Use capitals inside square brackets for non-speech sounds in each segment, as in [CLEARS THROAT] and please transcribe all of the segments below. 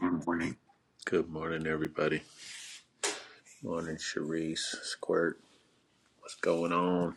Good morning, Good morning, everybody. Morning, Cherise, Squirt. What's going on?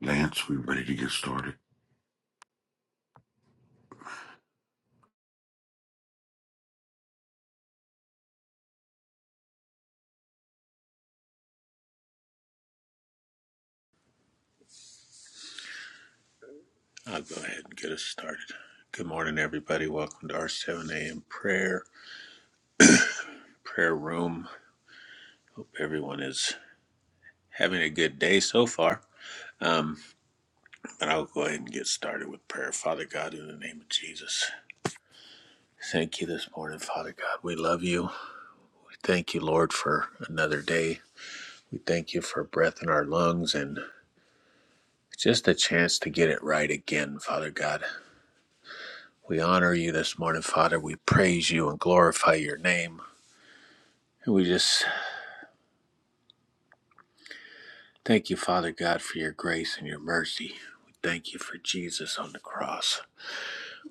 Lance. We ready to get started? I'll go ahead and get us started. Good morning, everybody. Welcome to our 7 a.m. prayer prayer room. Hope everyone is having a good day so far. Um, but I'll go ahead and get started with prayer. Father God, in the name of Jesus, thank you this morning, Father God. We love you. We Thank you, Lord, for another day. We thank you for breath in our lungs and just a chance to get it right again, Father God. We honor you this morning, Father. We praise you and glorify your name. And we just thank you, Father God, for your grace and your mercy. We thank you for Jesus on the cross.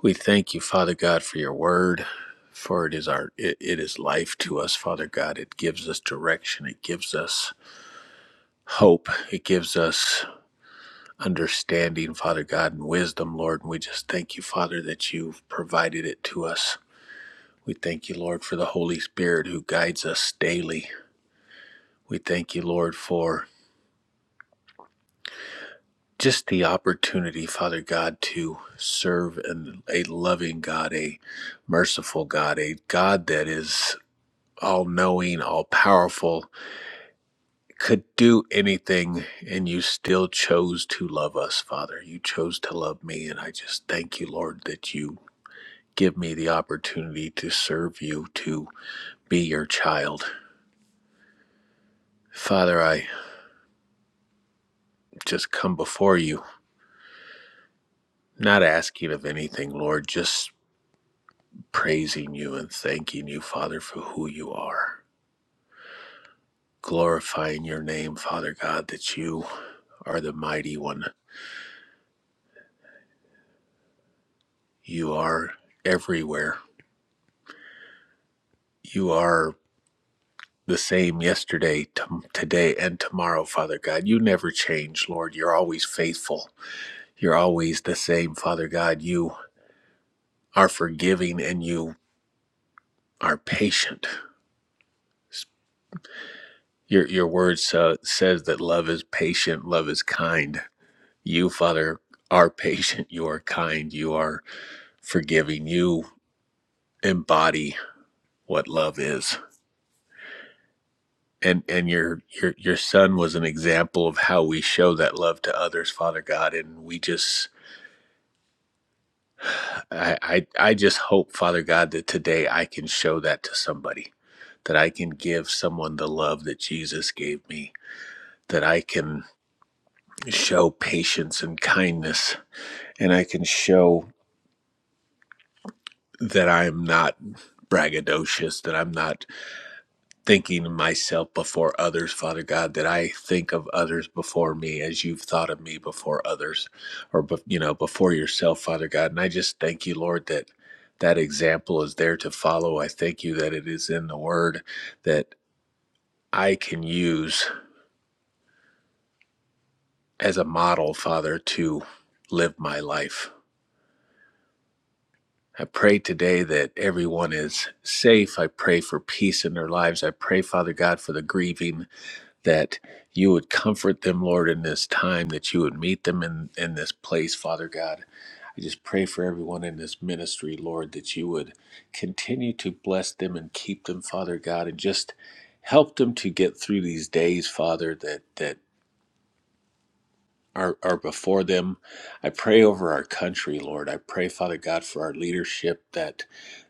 We thank you, Father God, for your word. For it is our it, it is life to us, Father God. It gives us direction. It gives us hope. It gives us understanding, Father God, and wisdom, Lord. And we just thank you, Father, that you've provided it to us. We thank you, Lord, for the Holy Spirit who guides us daily We thank you, Lord, for just the opportunity, Father God, to serve an, a loving God, a merciful God, a God that is all knowing, all powerful, could do anything, and you still chose to love us, Father. You chose to love me, and I just thank you, Lord, that you give me the opportunity to serve you, to be your child. Father, I just come before you, not asking of anything, Lord, just praising you and thanking you, Father, for who you are, glorifying your name, Father God, that you are the mighty one. You are everywhere. You are the same yesterday, t- today, and tomorrow, Father God. You never change, Lord. You're always faithful. You're always the same, Father God. You are forgiving and you are patient. Your, your word sa says that love is patient, love is kind. You, Father, are patient, you are kind, you are forgiving, you embody what love is. And and your your your son was an example of how we show that love to others, Father God. And we just I I, I just hope, Father God, that today I can show that to somebody. That I can give someone the love that Jesus gave me. That I can show patience and kindness. And I can show that I'm not braggadocious, that I'm not thinking of myself before others, Father God, that I think of others before me as you've thought of me before others or, bef- you know, before yourself, Father God. And I just thank you, Lord, that that example is there to follow. I thank you that it is in the word that I can use as a model, Father, to live my life. I pray today that everyone is safe. I pray for peace in their lives. I pray, Father God, for the grieving. that you would comfort them, Lord, in this time, that you would meet them in, in this place, Father God. I just pray for everyone in this ministry, Lord, that you would continue to bless them and keep them, Father God, and just help them to get through these days, Father, that that are, are before them. I pray over our country, Lord. I pray, Father God, for our leadership that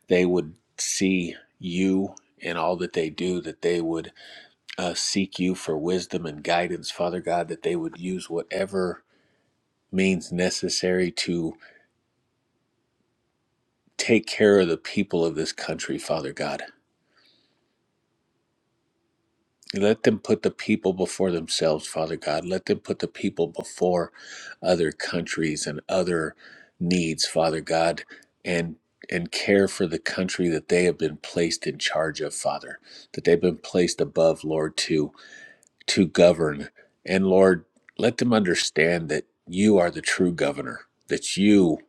they would see you in all that they do, that they would uh, seek you for wisdom and guidance, Father God, that they would use whatever means necessary to take care of the people of this country, Father God. Let them put the people before themselves, Father God. Let them put the people before other countries and other needs, Father God, and and care for the country that they have been placed in charge of, Father, that they've been placed above, Lord, too. to govern. And Lord, let them understand that you are the true governor, that you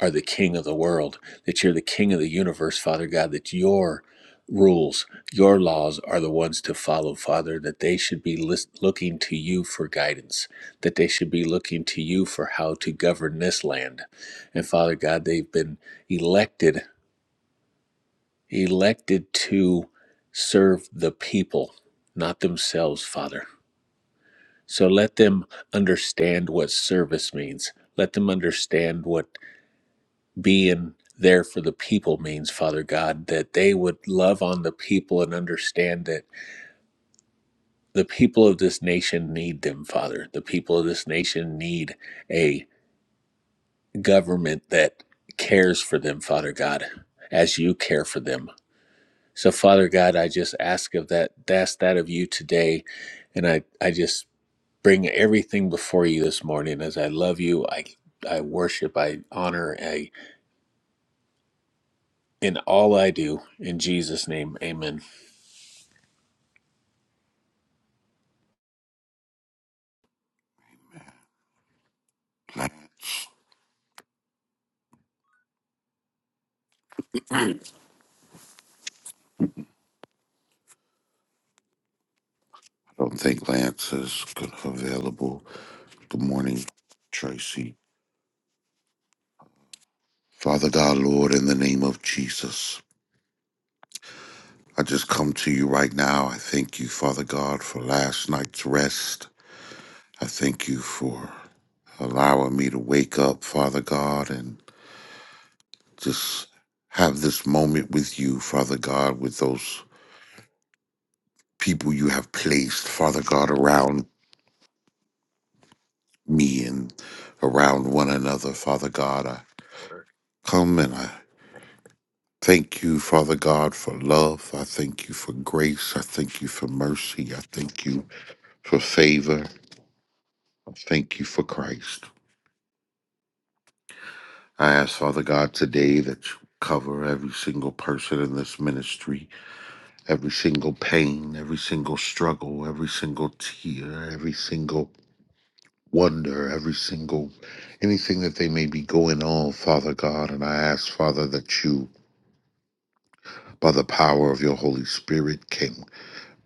are the king of the world, that you're the king of the universe, Father God, that your rules, your laws are the ones to follow, Father, that they should be lis- looking to you for guidance, that they should be looking to you for how to govern this land. And Father God, they've been elected, elected to serve the people, not themselves, Father. So let them understand what service means. Let them understand what being there for the people means, Father God, that they would love on the people and understand that the people of this nation need them, Father. The people of this nation need a government that cares for them, Father God, as you care for them. So Father God, I just ask of that ask that of you today. And I, I just bring everything before you this morning as I love you. I I worship, I honor, I in all I do. In Jesus' name, amen. Lance, I don't think Lance is good- available. Good morning, Tracy. Father God, Lord, in the name of Jesus, I just come to you right now. I thank you, Father God, for last night's rest. I thank you for allowing me to wake up, Father God, and just have this moment with you, Father God, with those people you have placed, Father God, around me and around one another, Father God. I come and I thank you, Father God, for love. I thank you for grace. I thank you for mercy. I thank you for favor. I thank you for Christ. I ask, Father God, today that you cover every single person in this ministry, every single pain, every single struggle, every single tear, every single wonder, every single anything that they may be going on, Father God. And I ask, Father, that you by the power of your Holy Spirit, can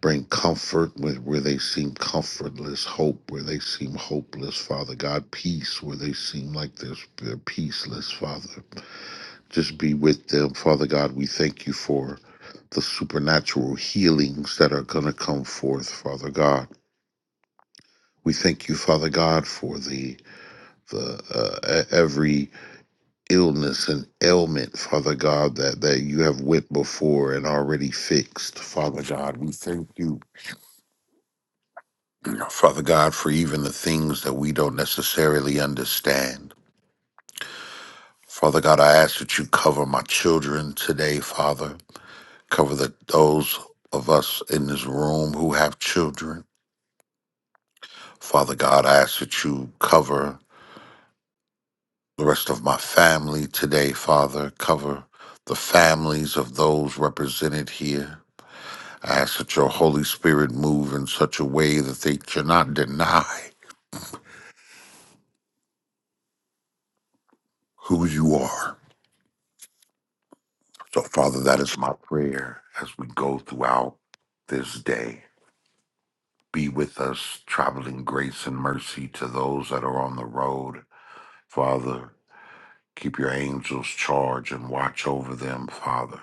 bring comfort where, where they seem comfortless, hope where they seem hopeless, Father God, peace where they seem like they're, they're peaceless, Father. Just be with them, Father God. We thank you for the supernatural healings that are going to come forth, Father God. We thank you, Father God, for the the uh, e- every illness and ailment, Father God, that that you have went before and already fixed, Father God. We thank you Father God, for even the things that we don't necessarily understand. Father God, I ask that you cover my children today, Father. Cover the, those of us in this room who have children. Father God, I ask that you cover the rest of my family today, Father. Cover the families of those represented here. I ask that your Holy Spirit move in such a way that they cannot deny who you are So, Father, that is my prayer as we go throughout this day. Be with us, traveling grace and mercy to those that are on the road. Father, keep your angels charge and watch over them, Father.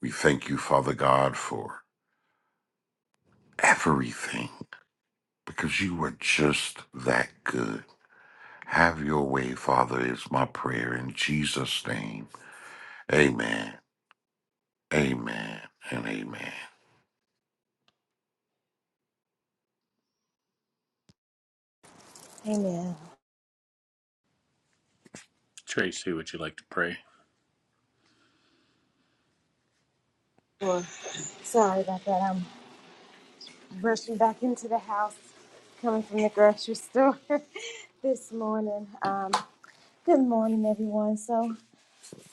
We thank you, Father God, for everything because you are just that good. Have your way, Father, is my prayer in Jesus' name. Amen, amen, and amen. Amen. Tracy, would you like to pray? Sure. Sorry about that. I'm rushing back into the house, coming from the grocery store [LAUGHS] this morning. Um, good morning, everyone. So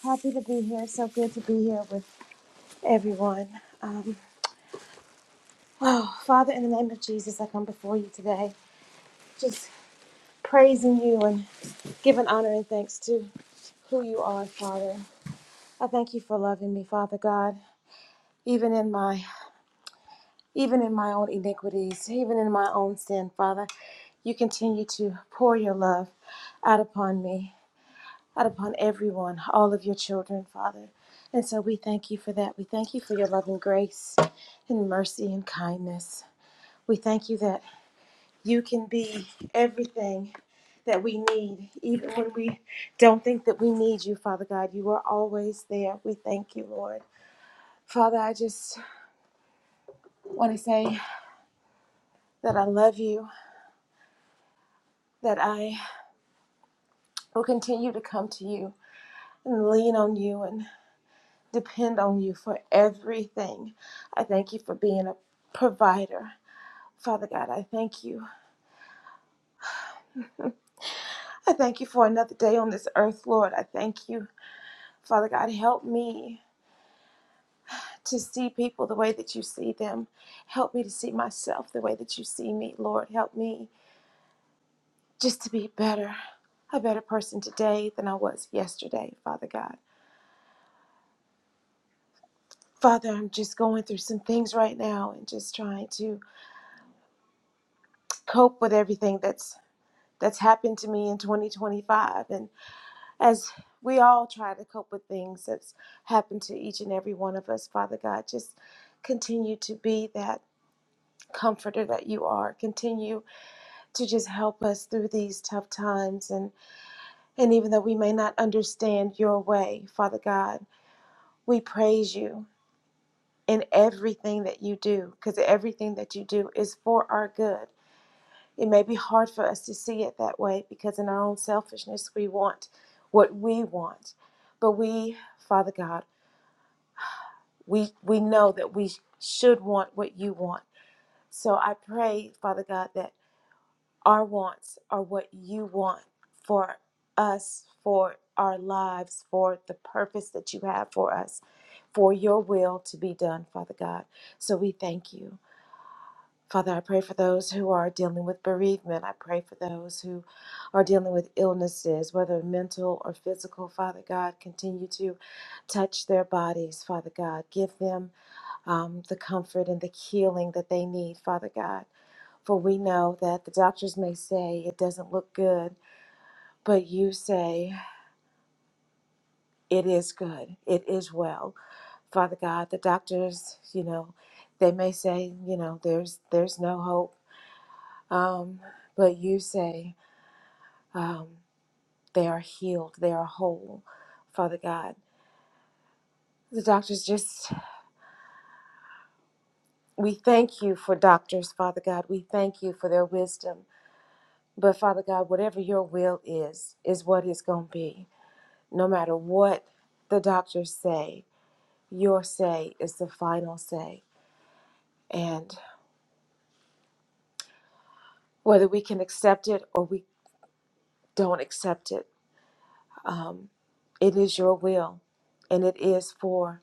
happy to be here. So good to be here with everyone. Um, oh, Father, in the name of Jesus, I come before you today, just praising you and giving honor and thanks to who you are, Father. I thank you for loving me, Father God, even in my even in my own iniquities, even in my own sin, Father. You continue to pour your love out upon me, out upon everyone, all of your children, Father. And so we thank you for that. We thank you for your loving grace and mercy and kindness. We thank you that you can be everything that we need, even when we don't think that we need you, Father God. You are always there. We thank you, Lord. Father, I just want to say that I love you, that I will continue to come to you and lean on you and depend on you for everything. I thank you for being a provider. Father God, I thank you. I thank you for another day on this earth, Lord. I thank you. Father God, help me to see people the way that you see them. Help me to see myself the way that you see me, Lord. Help me just to be better, a better person today than I was yesterday, Father God. Father, I'm just going through some things right now and just trying to cope with everything that's that's happened to me in 2025 and as we all try to cope with things that's happened to each and every one of us father god just continue to be that comforter that you are continue to just help us through these tough times and and even though we may not understand your way father god we praise you in everything that you do because everything that you do is for our good It may be hard for us to see it that way because in our own selfishness, we want what we want. But we, Father God, we, we know that we should want what you want. So I pray, Father God, that our wants are what you want for us, for our lives, for the purpose that you have for us, for your will to be done, Father God. So we thank you. Father, I pray for those who are dealing with bereavement. I pray for those who are dealing with illnesses, whether mental or physical. Father God, continue to touch their bodies. Father God, give them um, the comfort and the healing that they need. Father God, for we know that the doctors may say it doesn't look good, but you say it is good, it is well. Father God, the doctors, you know, they may say, you know, there's there's no hope. Um, but you say Um, they are healed, they are whole, Father God. The doctors just, we thank you for doctors, Father God. We thank you for their wisdom. But Father God, whatever your will is, is what it's going to be. No matter what the doctors say, your say is the final say. And whether we can accept it or we don't accept it, um, it is your will and it is for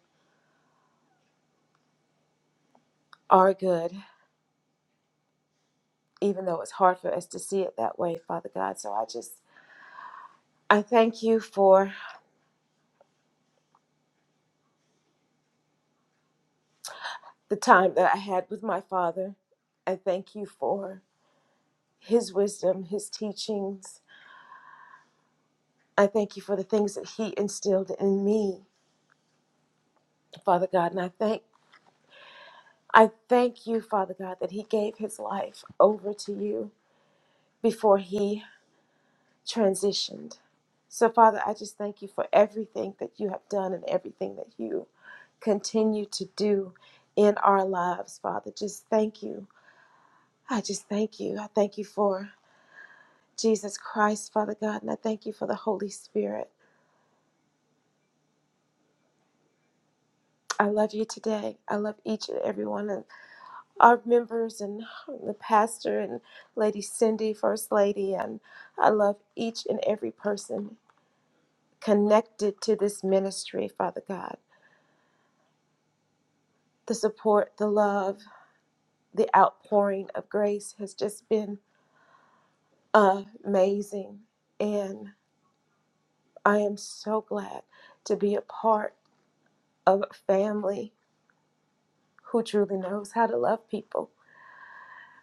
our good. even though it's hard for us to see it that way, Father God. So I just, I thank you for the time that I had with my father. I thank you for his wisdom, his teachings. I thank you for the things that he instilled in me, Father God. And I thank, I thank you, Father God, that he gave his life over to you before he transitioned. So, Father, I just thank you for everything that you have done and everything that you continue to do in our lives, Father. Just thank you. I just thank you. I thank you for Jesus Christ, Father God, and I thank you for the Holy Spirit. I love you today. I love each and every one of our members and the pastor and Lady Cindy, First Lady, and I love each and every person connected to this ministry, Father God. the support, the love, the outpouring of grace has just been amazing. And I am so glad to be a part of a family who truly knows how to love people.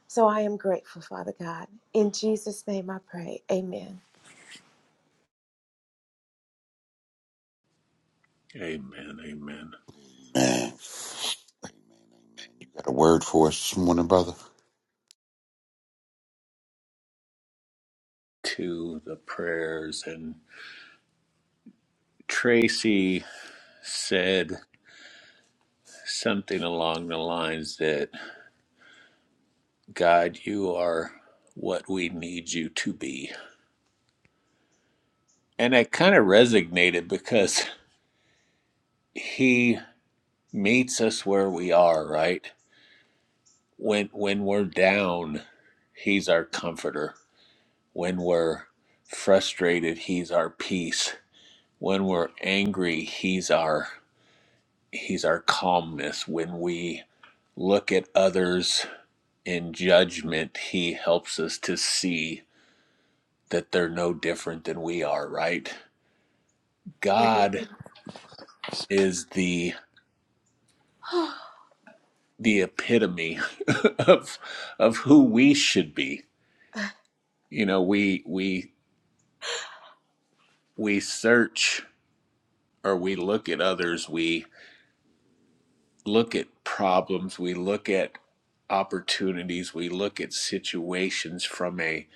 So I am grateful, Father God. In Jesus' name I pray. Amen. Amen, amen. Man, got a word for us this morning, brother? To the prayers and Tracy said something along the lines that God, you are what we need you to be. And I kind of resonated because he meets us where we are, right? when when we're down, he's our comforter. When we're frustrated, he's our peace. When we're angry, he's our he's our calmness. When we look at others in judgment, he helps us to see that they're no different than we are, right? God is the the epitome [LAUGHS] of of who we should be. You know, we we we search or we look at others, we look at problems, we look at opportunities, we look at situations from a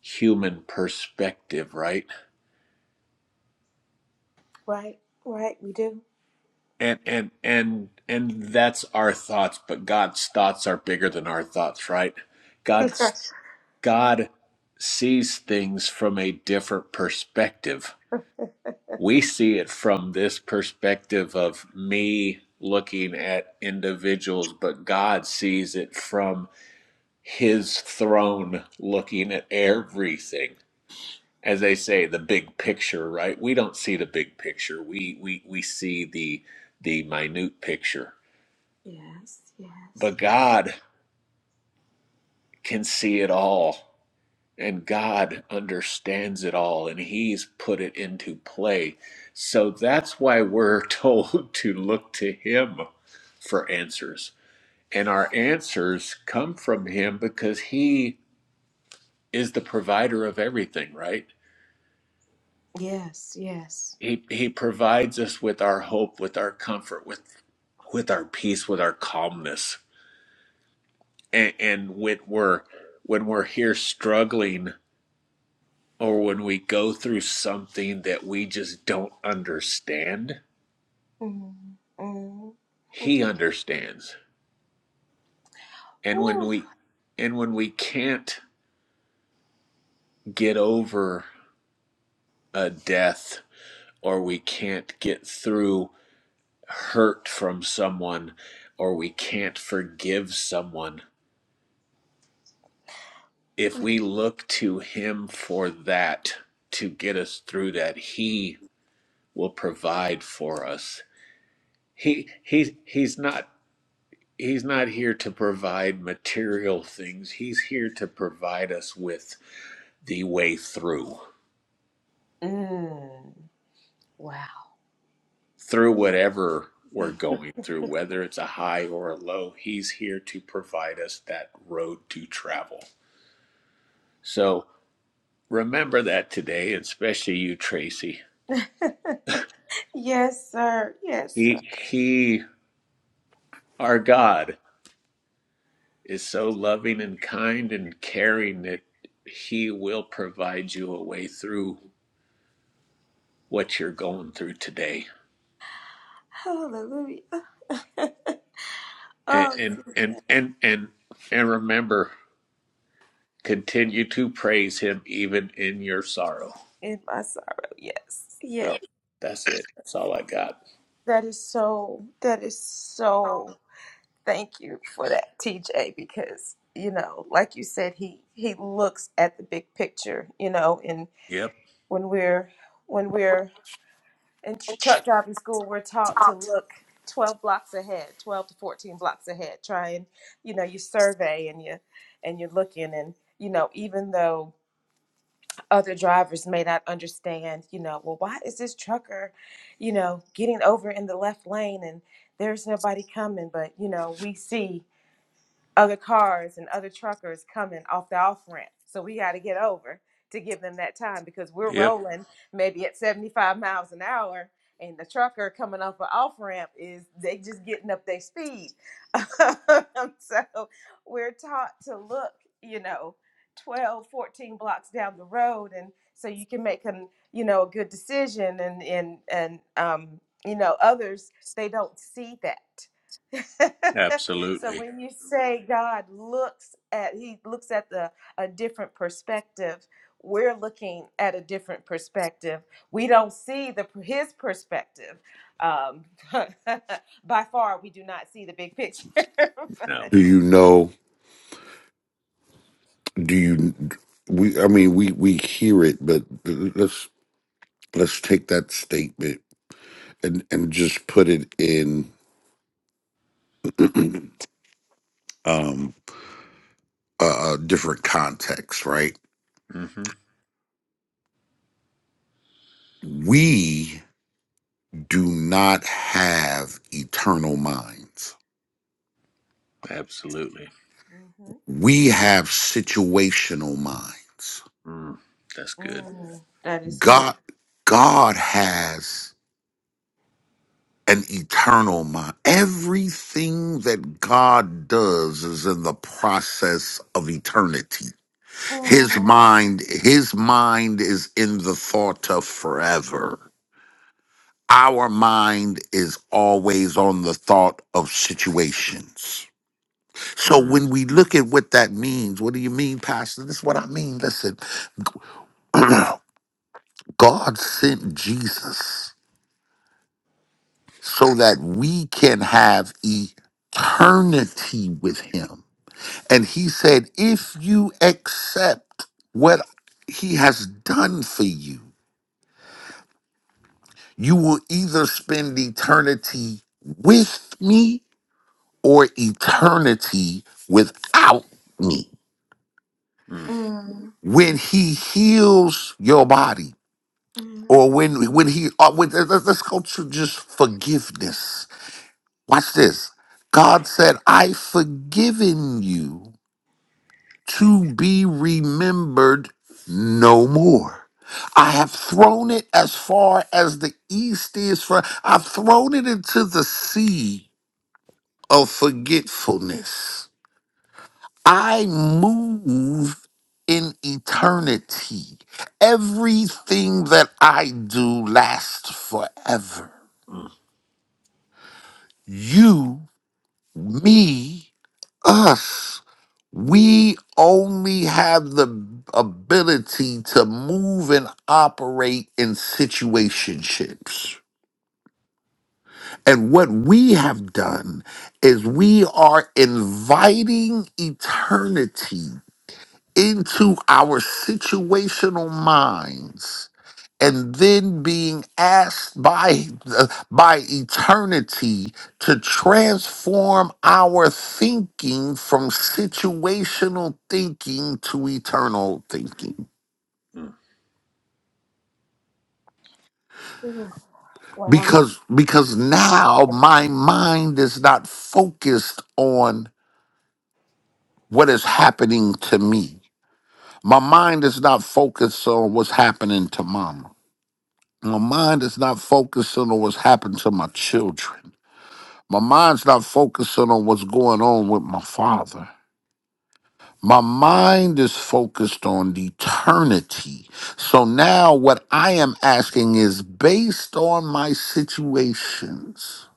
human perspective, right? Right, right, we do. And and and and that's our thoughts, but God's thoughts are bigger than our thoughts, right? [LAUGHS] God's yes, God sees things from a different perspective. We see it from this perspective of me looking at individuals, but God sees it from his throne looking at everything as they say the big picture right we don't see the big picture we we we see the the minute picture but yes, god can see it all and god understands it all and he's put it into play so that's why we're [LAUGHS] told to look to him for answers and our answers come from him because he is the provider of everything right yes, yes. He he provides us with our hope, with our comfort, with with our peace, with our calmness. And, and when we're when we're here struggling or when we go through something that we just don't understand, Mm, mm, he understands. And when ooh, we and when we can't get over a death or we can't get through hurt from someone or we can't forgive someone if we look to him for that to get us through that he will provide for us he he's he's not he's not here to provide material things he's here to provide us with the way through mm, wow. through whatever we're going through whether it's a high or a low he's here to provide us that road to travel so remember that today especially you tracy [LAUGHS] yes, sir. Yes. he he our god is so loving and kind and caring that he will provide you a way through what you're going through today. Hallelujah. And Oh, and and Tuesday and and, and remember, continue to praise him even in your sorrow. in my sorrow. Yes. Yeah. So that's it. That's all I got. That is so, that is so, thank you for that, TJ, because, you know, like you said, he, he looks at the big picture, you know, and Yep. when we're, when we're in tr- truck driving school, we're taught to look 12 blocks ahead, 12 to 14 blocks ahead, try and, you know, you survey and you, and you're looking and, you know, even though other drivers may not understand, you know, well, why is this trucker, you know, getting over in the left lane and there's nobody coming? But, you know, we see other cars and other truckers coming off the off ramp. So we got to get over to give them that time because we're Yep. rolling maybe at 75 miles an hour and the trucker coming off an off ramp is they just getting up their speed. [LAUGHS] so we're taught to look, you know, 12, 14 blocks down the road and so you can make an, you know, a good decision and and and um, you know, others they don't see that. [LAUGHS] So Absolutely. when you say God looks at, He looks at the a different perspective. We're looking at a different perspective. We don't see the His perspective. Um, [LAUGHS] by far, we do not see the big picture. [LAUGHS] No. Do you know? Do you? We. I mean, we we hear it, but let's let's take that statement and and just put it in [CLEARS THROAT] um, a, a different context, right? Mm-hmm. We do not have eternal minds. Absolutely. hmm We have situational minds. Mm, that's good. Mm, that is good. God God has. an eternal mind. Everything that God does is in the process of eternity. His Mm, mind, his mind is in the thought of forever. Our mind is always on the thought of situations. So Mm, when we look at what that means, what do you mean, Pastor? This is what I mean. Listen, [CLEARS THROAT] God sent Jesus so that we can have eternity with him And he said, If you accept what he has done for you, you will either spend eternity with me or eternity without me. mm, mm, When he heals your body, mm. or when when he uh, when, let- let- let's go to just forgiveness. Watch this. God said, "I forgiven you." to be remembered no more. I have thrown it as far as the east is from. I've thrown it into the sea of forgetfulness. I move in eternity. Everything that I do lasts forever. mm, You, me, us. We only have the ability to move and operate in situationships. And what we have done is we are inviting eternity into our situational minds and then being asked by by eternity to transform our thinking from situational thinking to eternal thinking mm, Ooh, Wow. because because now my mind is not focused on what is happening to me my mind is not focused on what's happening to mama My mind is not focusing on what's happened to my children. My mind's not focusing on what's going on with my father. My mind is focused on eternity. So now what I am asking is based on my situations,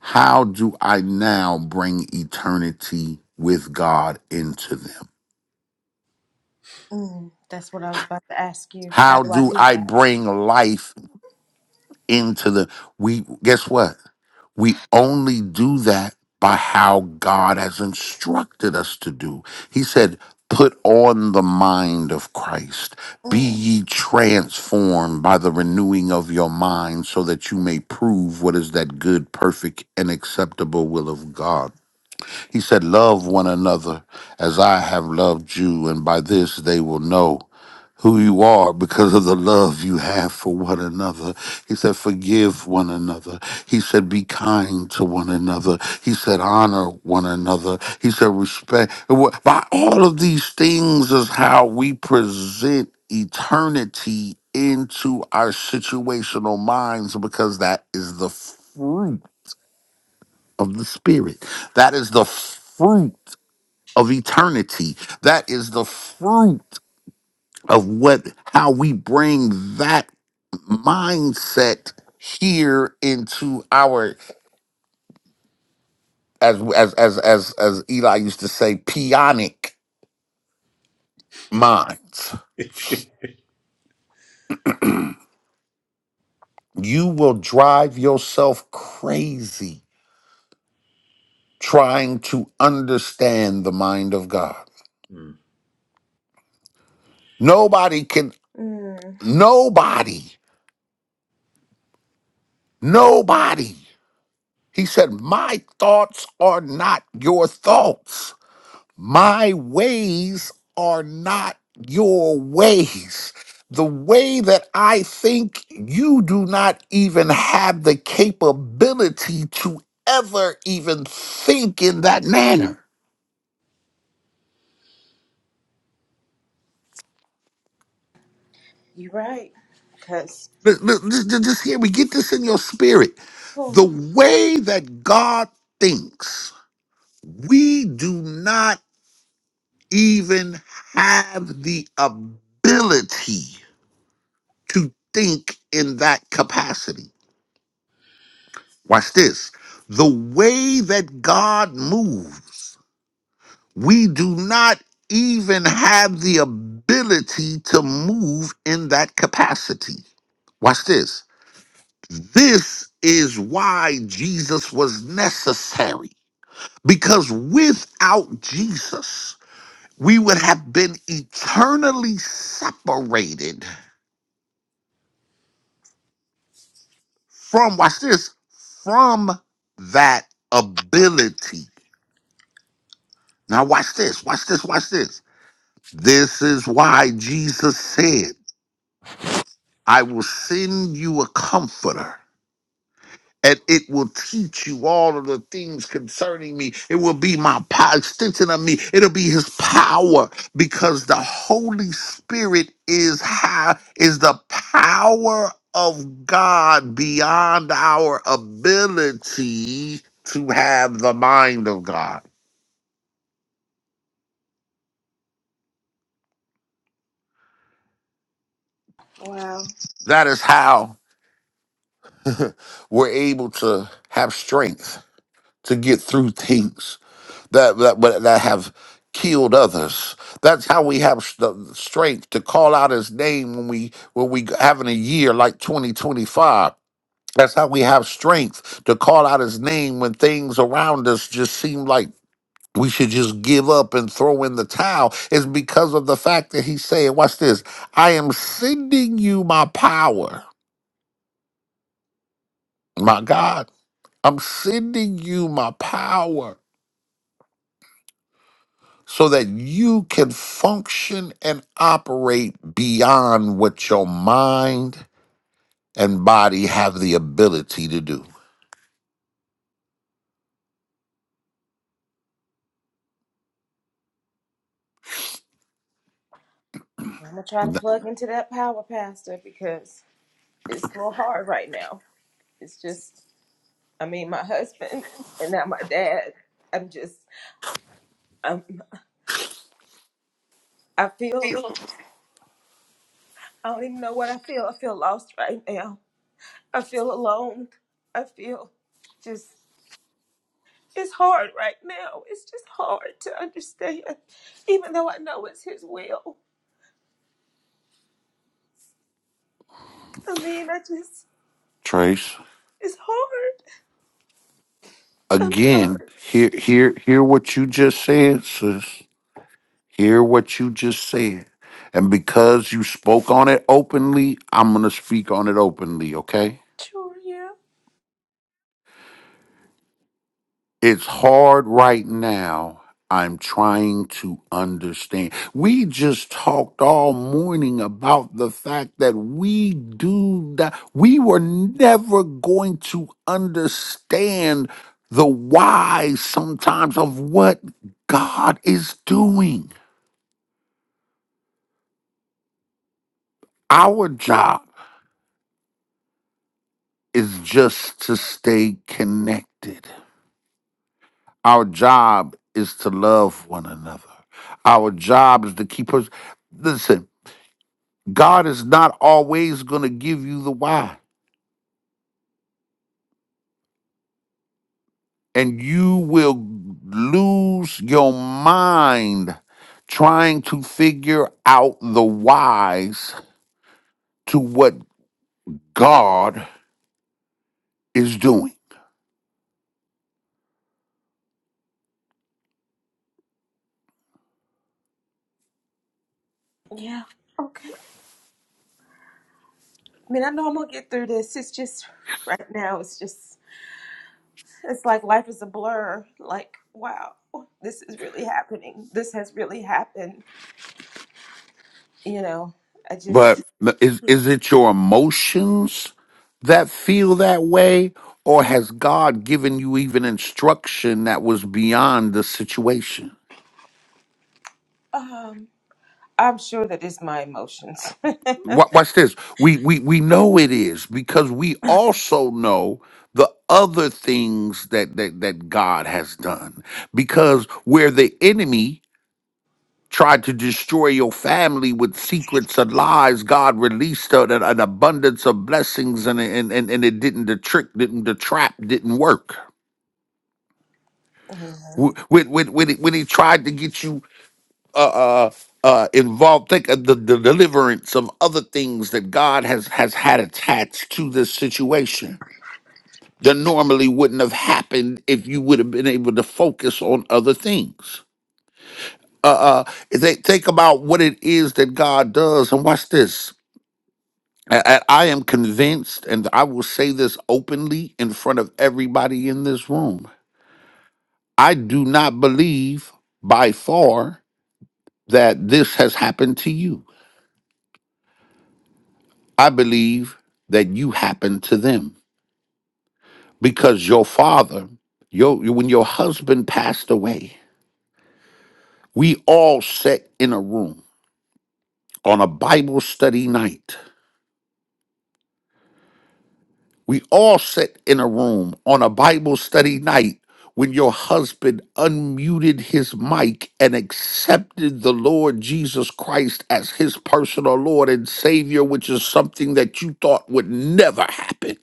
how do I now bring eternity with God into them? Mm, that's what I was about to ask you. How How do I do do I that? bring life into the we guess what? We only do that by how God has instructed us to do. He said, Put on the mind of Christ. Be Mm, ye transformed by the renewing of your mind, so that you may prove what is that good, perfect, and acceptable will of God. He said, Love one another as I have loved you, and by this they will know who you are because of the love you have for one another. He said, forgive one another. He said, be kind to one another. He said, honor one another. He said, respect. By all of these things is how we present eternity into our situational minds because that is the fruit of the spirit. That is the fruit of eternity. That is the fruit of what how we bring that mindset here into our as as as as as Eli used to say pionic minds you will drive yourself crazy trying to understand the mind of God nobody can mm. nobody nobody he said my thoughts are not your thoughts My ways are not your ways. The way that I think, you do not even have the capability to ever even think in that manner. You're right. Because, L- Just just hear me, get this in your spirit. The way that God thinks, we do not even have the ability to think in that capacity. Watch this. The way that God moves, we do not even have the ability to move in that capacity. Watch this. This is why Jesus was necessary. Because without Jesus, we would have been eternally separated from, watch this, from that ability. Now, watch this, watch this, watch this. This is why Jesus said, I will send you a comforter, and it will teach you all of the things concerning me. It will be my power, extension of me. It'll be his power because the Holy Spirit is how is the power of God beyond our ability to have the mind of God. wow. That is how [LAUGHS] we're able to have strength to get through things that that that have killed others. That's how we have s- the strength to call out His name when we when we having a year like 2025. That's how we have strength to call out His name when things around us just seem like. We should just give up and throw in the towel. It's because of the fact that he's saying, Watch this. I am sending you my power. My God, I'm sending you my power so that you can function and operate beyond what your mind and body have the ability to do. I'm gonna try to N- plug into that power, Pastor, because it's a little hard right now. It's just, I mean, my husband and now my dad. I'm just, I'm, I feel, I don't even know what I feel. I feel lost right now. I feel alone. I feel just, it's hard right now. It's just hard to understand, even though I know it's His will. I mean, I just, Trace, it's hard. I'm again, sorry. hear hear hear what you just said, sis. Hear what you just said. And because you spoke on it openly, I'm gonna speak on it openly, okay? Sure, yeah. It's hard right now. I'm trying to understand. We just talked all morning about the fact that we do that. We were never going to understand the why sometimes of what God is doing. Our job is just to stay connected. Our job is to love one another. Our job is to keep us. Listen, God is not always going to give you the why, and you will lose your mind trying to figure out the whys to what God is doing. Yeah. Okay. I mean, I know I'm gonna get through this. It's just right now, it's just, it's like life is a blur. Like, wow, this is really happening. This has really happened. You know, I just, But is is it your emotions that feel that way or has God given you even instruction that was beyond the situation? um, I'm sure that it's my emotions. [LAUGHS] Wa- Watch this. We we we know it is because we also know the other things that that that God has done. Because where the enemy tried to destroy your family with secrets and lies, God released a- an, an abundance of blessings, and and and, and it didn't. The trick didn't. The trap didn't work. Mhm. Wh- When when when he, when he tried to get you uh, uh, uh, involved. Think of the, the deliverance of other things that God has has had attached to this situation that normally wouldn't have happened if you would have been able to focus on other things. Uh, uh, they think about what it is that God does, and watch this. A- a- I am convinced, and I will say this openly in front of everybody in this room. I do not believe by far that this has happened to you. I believe that you happened to them because your father, your when your husband passed away, we all sat in a room on a Bible study night. We all sat in a room on a Bible study night when your husband unmuted his mic and accepted the Lord Jesus Christ as his personal Lord and Savior, which is something that you thought would never happen.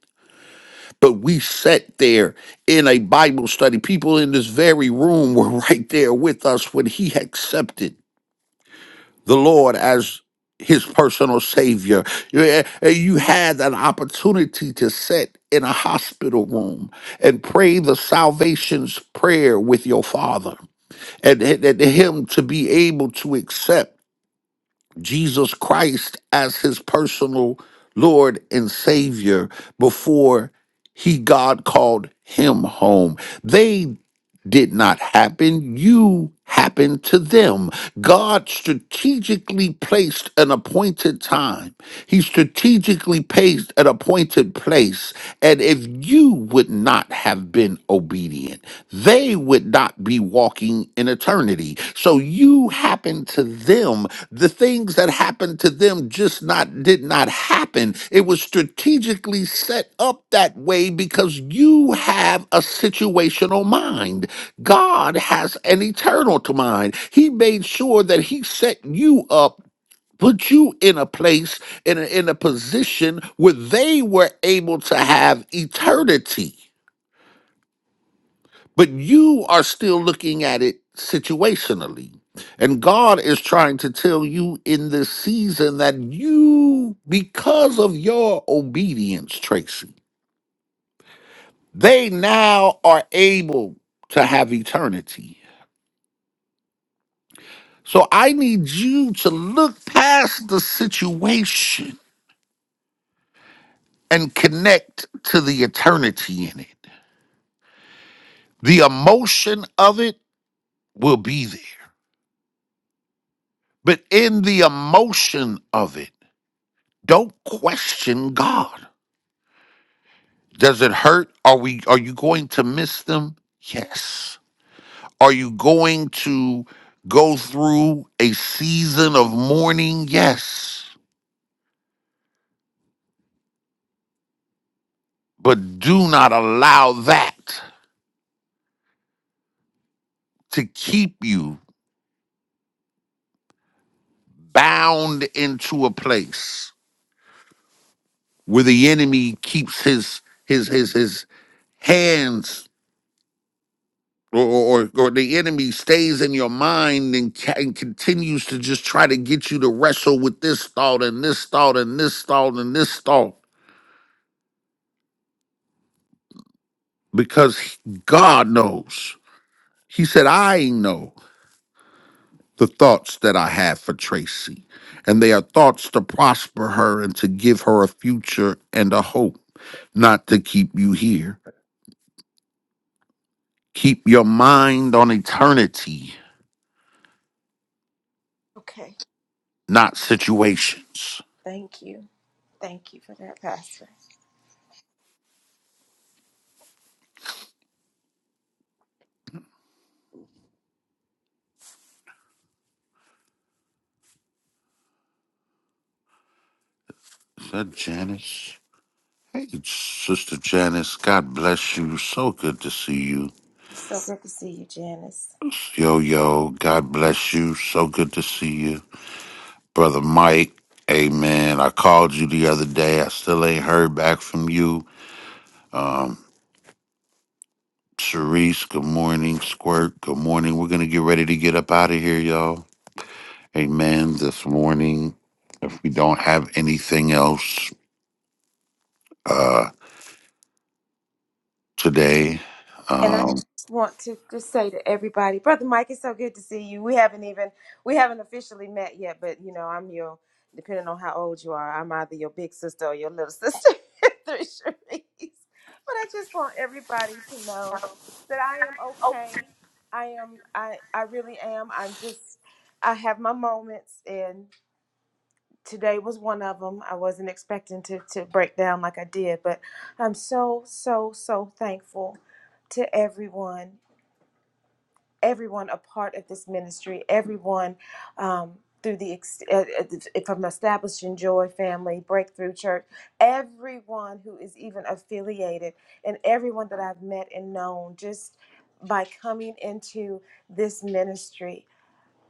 But we sat there in a Bible study. People in this very room were [LAUGHS] right there with us when he accepted the Lord as his personal savior. You eh, eh, you had an opportunity to sit in a hospital room and pray the salvation's prayer with your father and, and and him to be able to accept. Jesus Christ as his personal Lord and Savior before he God called him home. They did not happen. You happened to them. God strategically placed an appointed time. He strategically placed an appointed place. And if you would not have been obedient, they would not be walking in eternity. So you happened to them. The things that happened to them just not did not happen. It was strategically set up that way because you have a situational mind. God has an eternal to mind. He made sure that he set you up put you in a place in a, in a position where they were able to have eternity but you are still looking at it situationally. And God is trying to tell you in this season that you, because of your obedience, Tracy, they now are able to have eternity. So I need you to look past the situation and connect to the eternity in it. The emotion of it will be there, but in the emotion of it, Don't question God. Does it hurt? Are we are you going to miss them? Yes. Are you going to go through a season of mourning? Yes. But do not allow that to keep you bound into a place where the enemy keeps his his his his hands or, or, or the enemy stays in your mind and, ca- and continues to just try to get you to wrestle with this thought and this thought and this thought and this thought because he- God knows. He said, I know the thoughts that I have for Tracy, and they are thoughts to prosper her and to give her a future and a hope, not to keep you here. Keep your mind on eternity, okay. not situations. Thank you. Thank you for that, Pastor. Is that Janice? Hey, Sister Janice, God bless you. So good to see you. It's so good to see you, Janice. Yo, yo, God bless you. So good to see you. Brother Mike, amen. I called you the other day. I still ain't heard back from you. Um, Sharice, good morning. Squirt, good morning. We're going to get ready to get up out of here, y'all. Amen. This morning, if we don't have anything else uh, today, And I um, just want to just say to everybody, Brother Mike, it's so good to see you. We haven't even we haven't officially met yet, but you know, I'm your depending on how old you are, I'm either your big sister or your little sister [LAUGHS] through Sharice. But I just want everybody to know that I am okay. I am I I really am. I'm just I have my moments and today was one of them. I wasn't expecting to, to break down like I did, but I'm so, so, so thankful to everyone, everyone a part of this ministry, everyone um, through the, ex- uh, uh, from Establishing Joy Family, Breakthrough Church, everyone who is even affiliated, and everyone that I've met and known just by coming into this ministry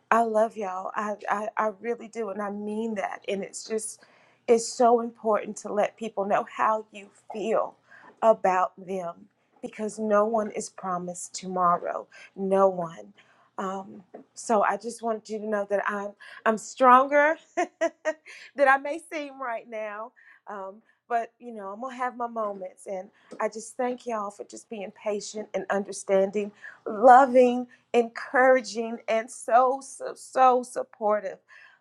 I love y'all. I, I, I really do. And I mean that. And it's just, it's so important to let people know how you feel about them because no one is promised tomorrow. No one. Um, so I just want you to know that I'm, I'm stronger [LAUGHS] than I may seem right now. Um, but you know, I'm gonna have my moments, and I just thank y'all for just being patient and understanding, loving, encouraging and so so so supportive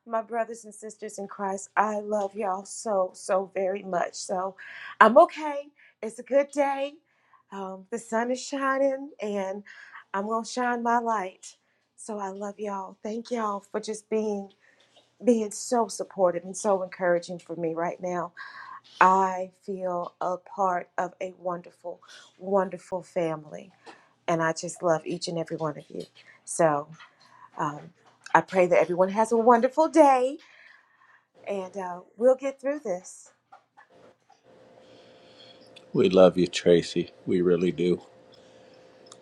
my brothers and sisters in christ i love y'all so so very much so i'm okay it's a good day um, the sun is shining and i'm gonna shine my light so i love y'all thank y'all for just being being so supportive and so encouraging for me right now i feel a part of a wonderful wonderful family and i just love each and every one of you so um, I pray that everyone has a wonderful day and uh, we'll get through this. [LAUGHS] We love you, Tracy. We really do.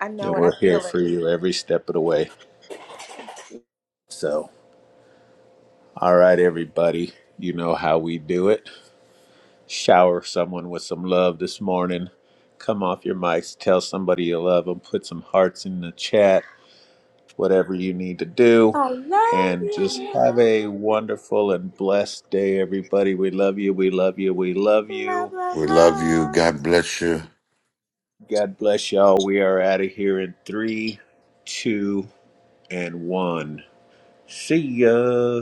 I And know it, I we're here feel for it. you every step of the way. So, all right, everybody, you know how we do it. Shower someone with some love this morning. Come off your mics, tell somebody you love them, put some hearts in the chat, whatever you need to do. I love And just have you. a wonderful and blessed day, everybody. We love you. We love you. We love Love, you. love, we love you. love. God bless you. God bless y'all. We are out of here in three, two, and one. See ya.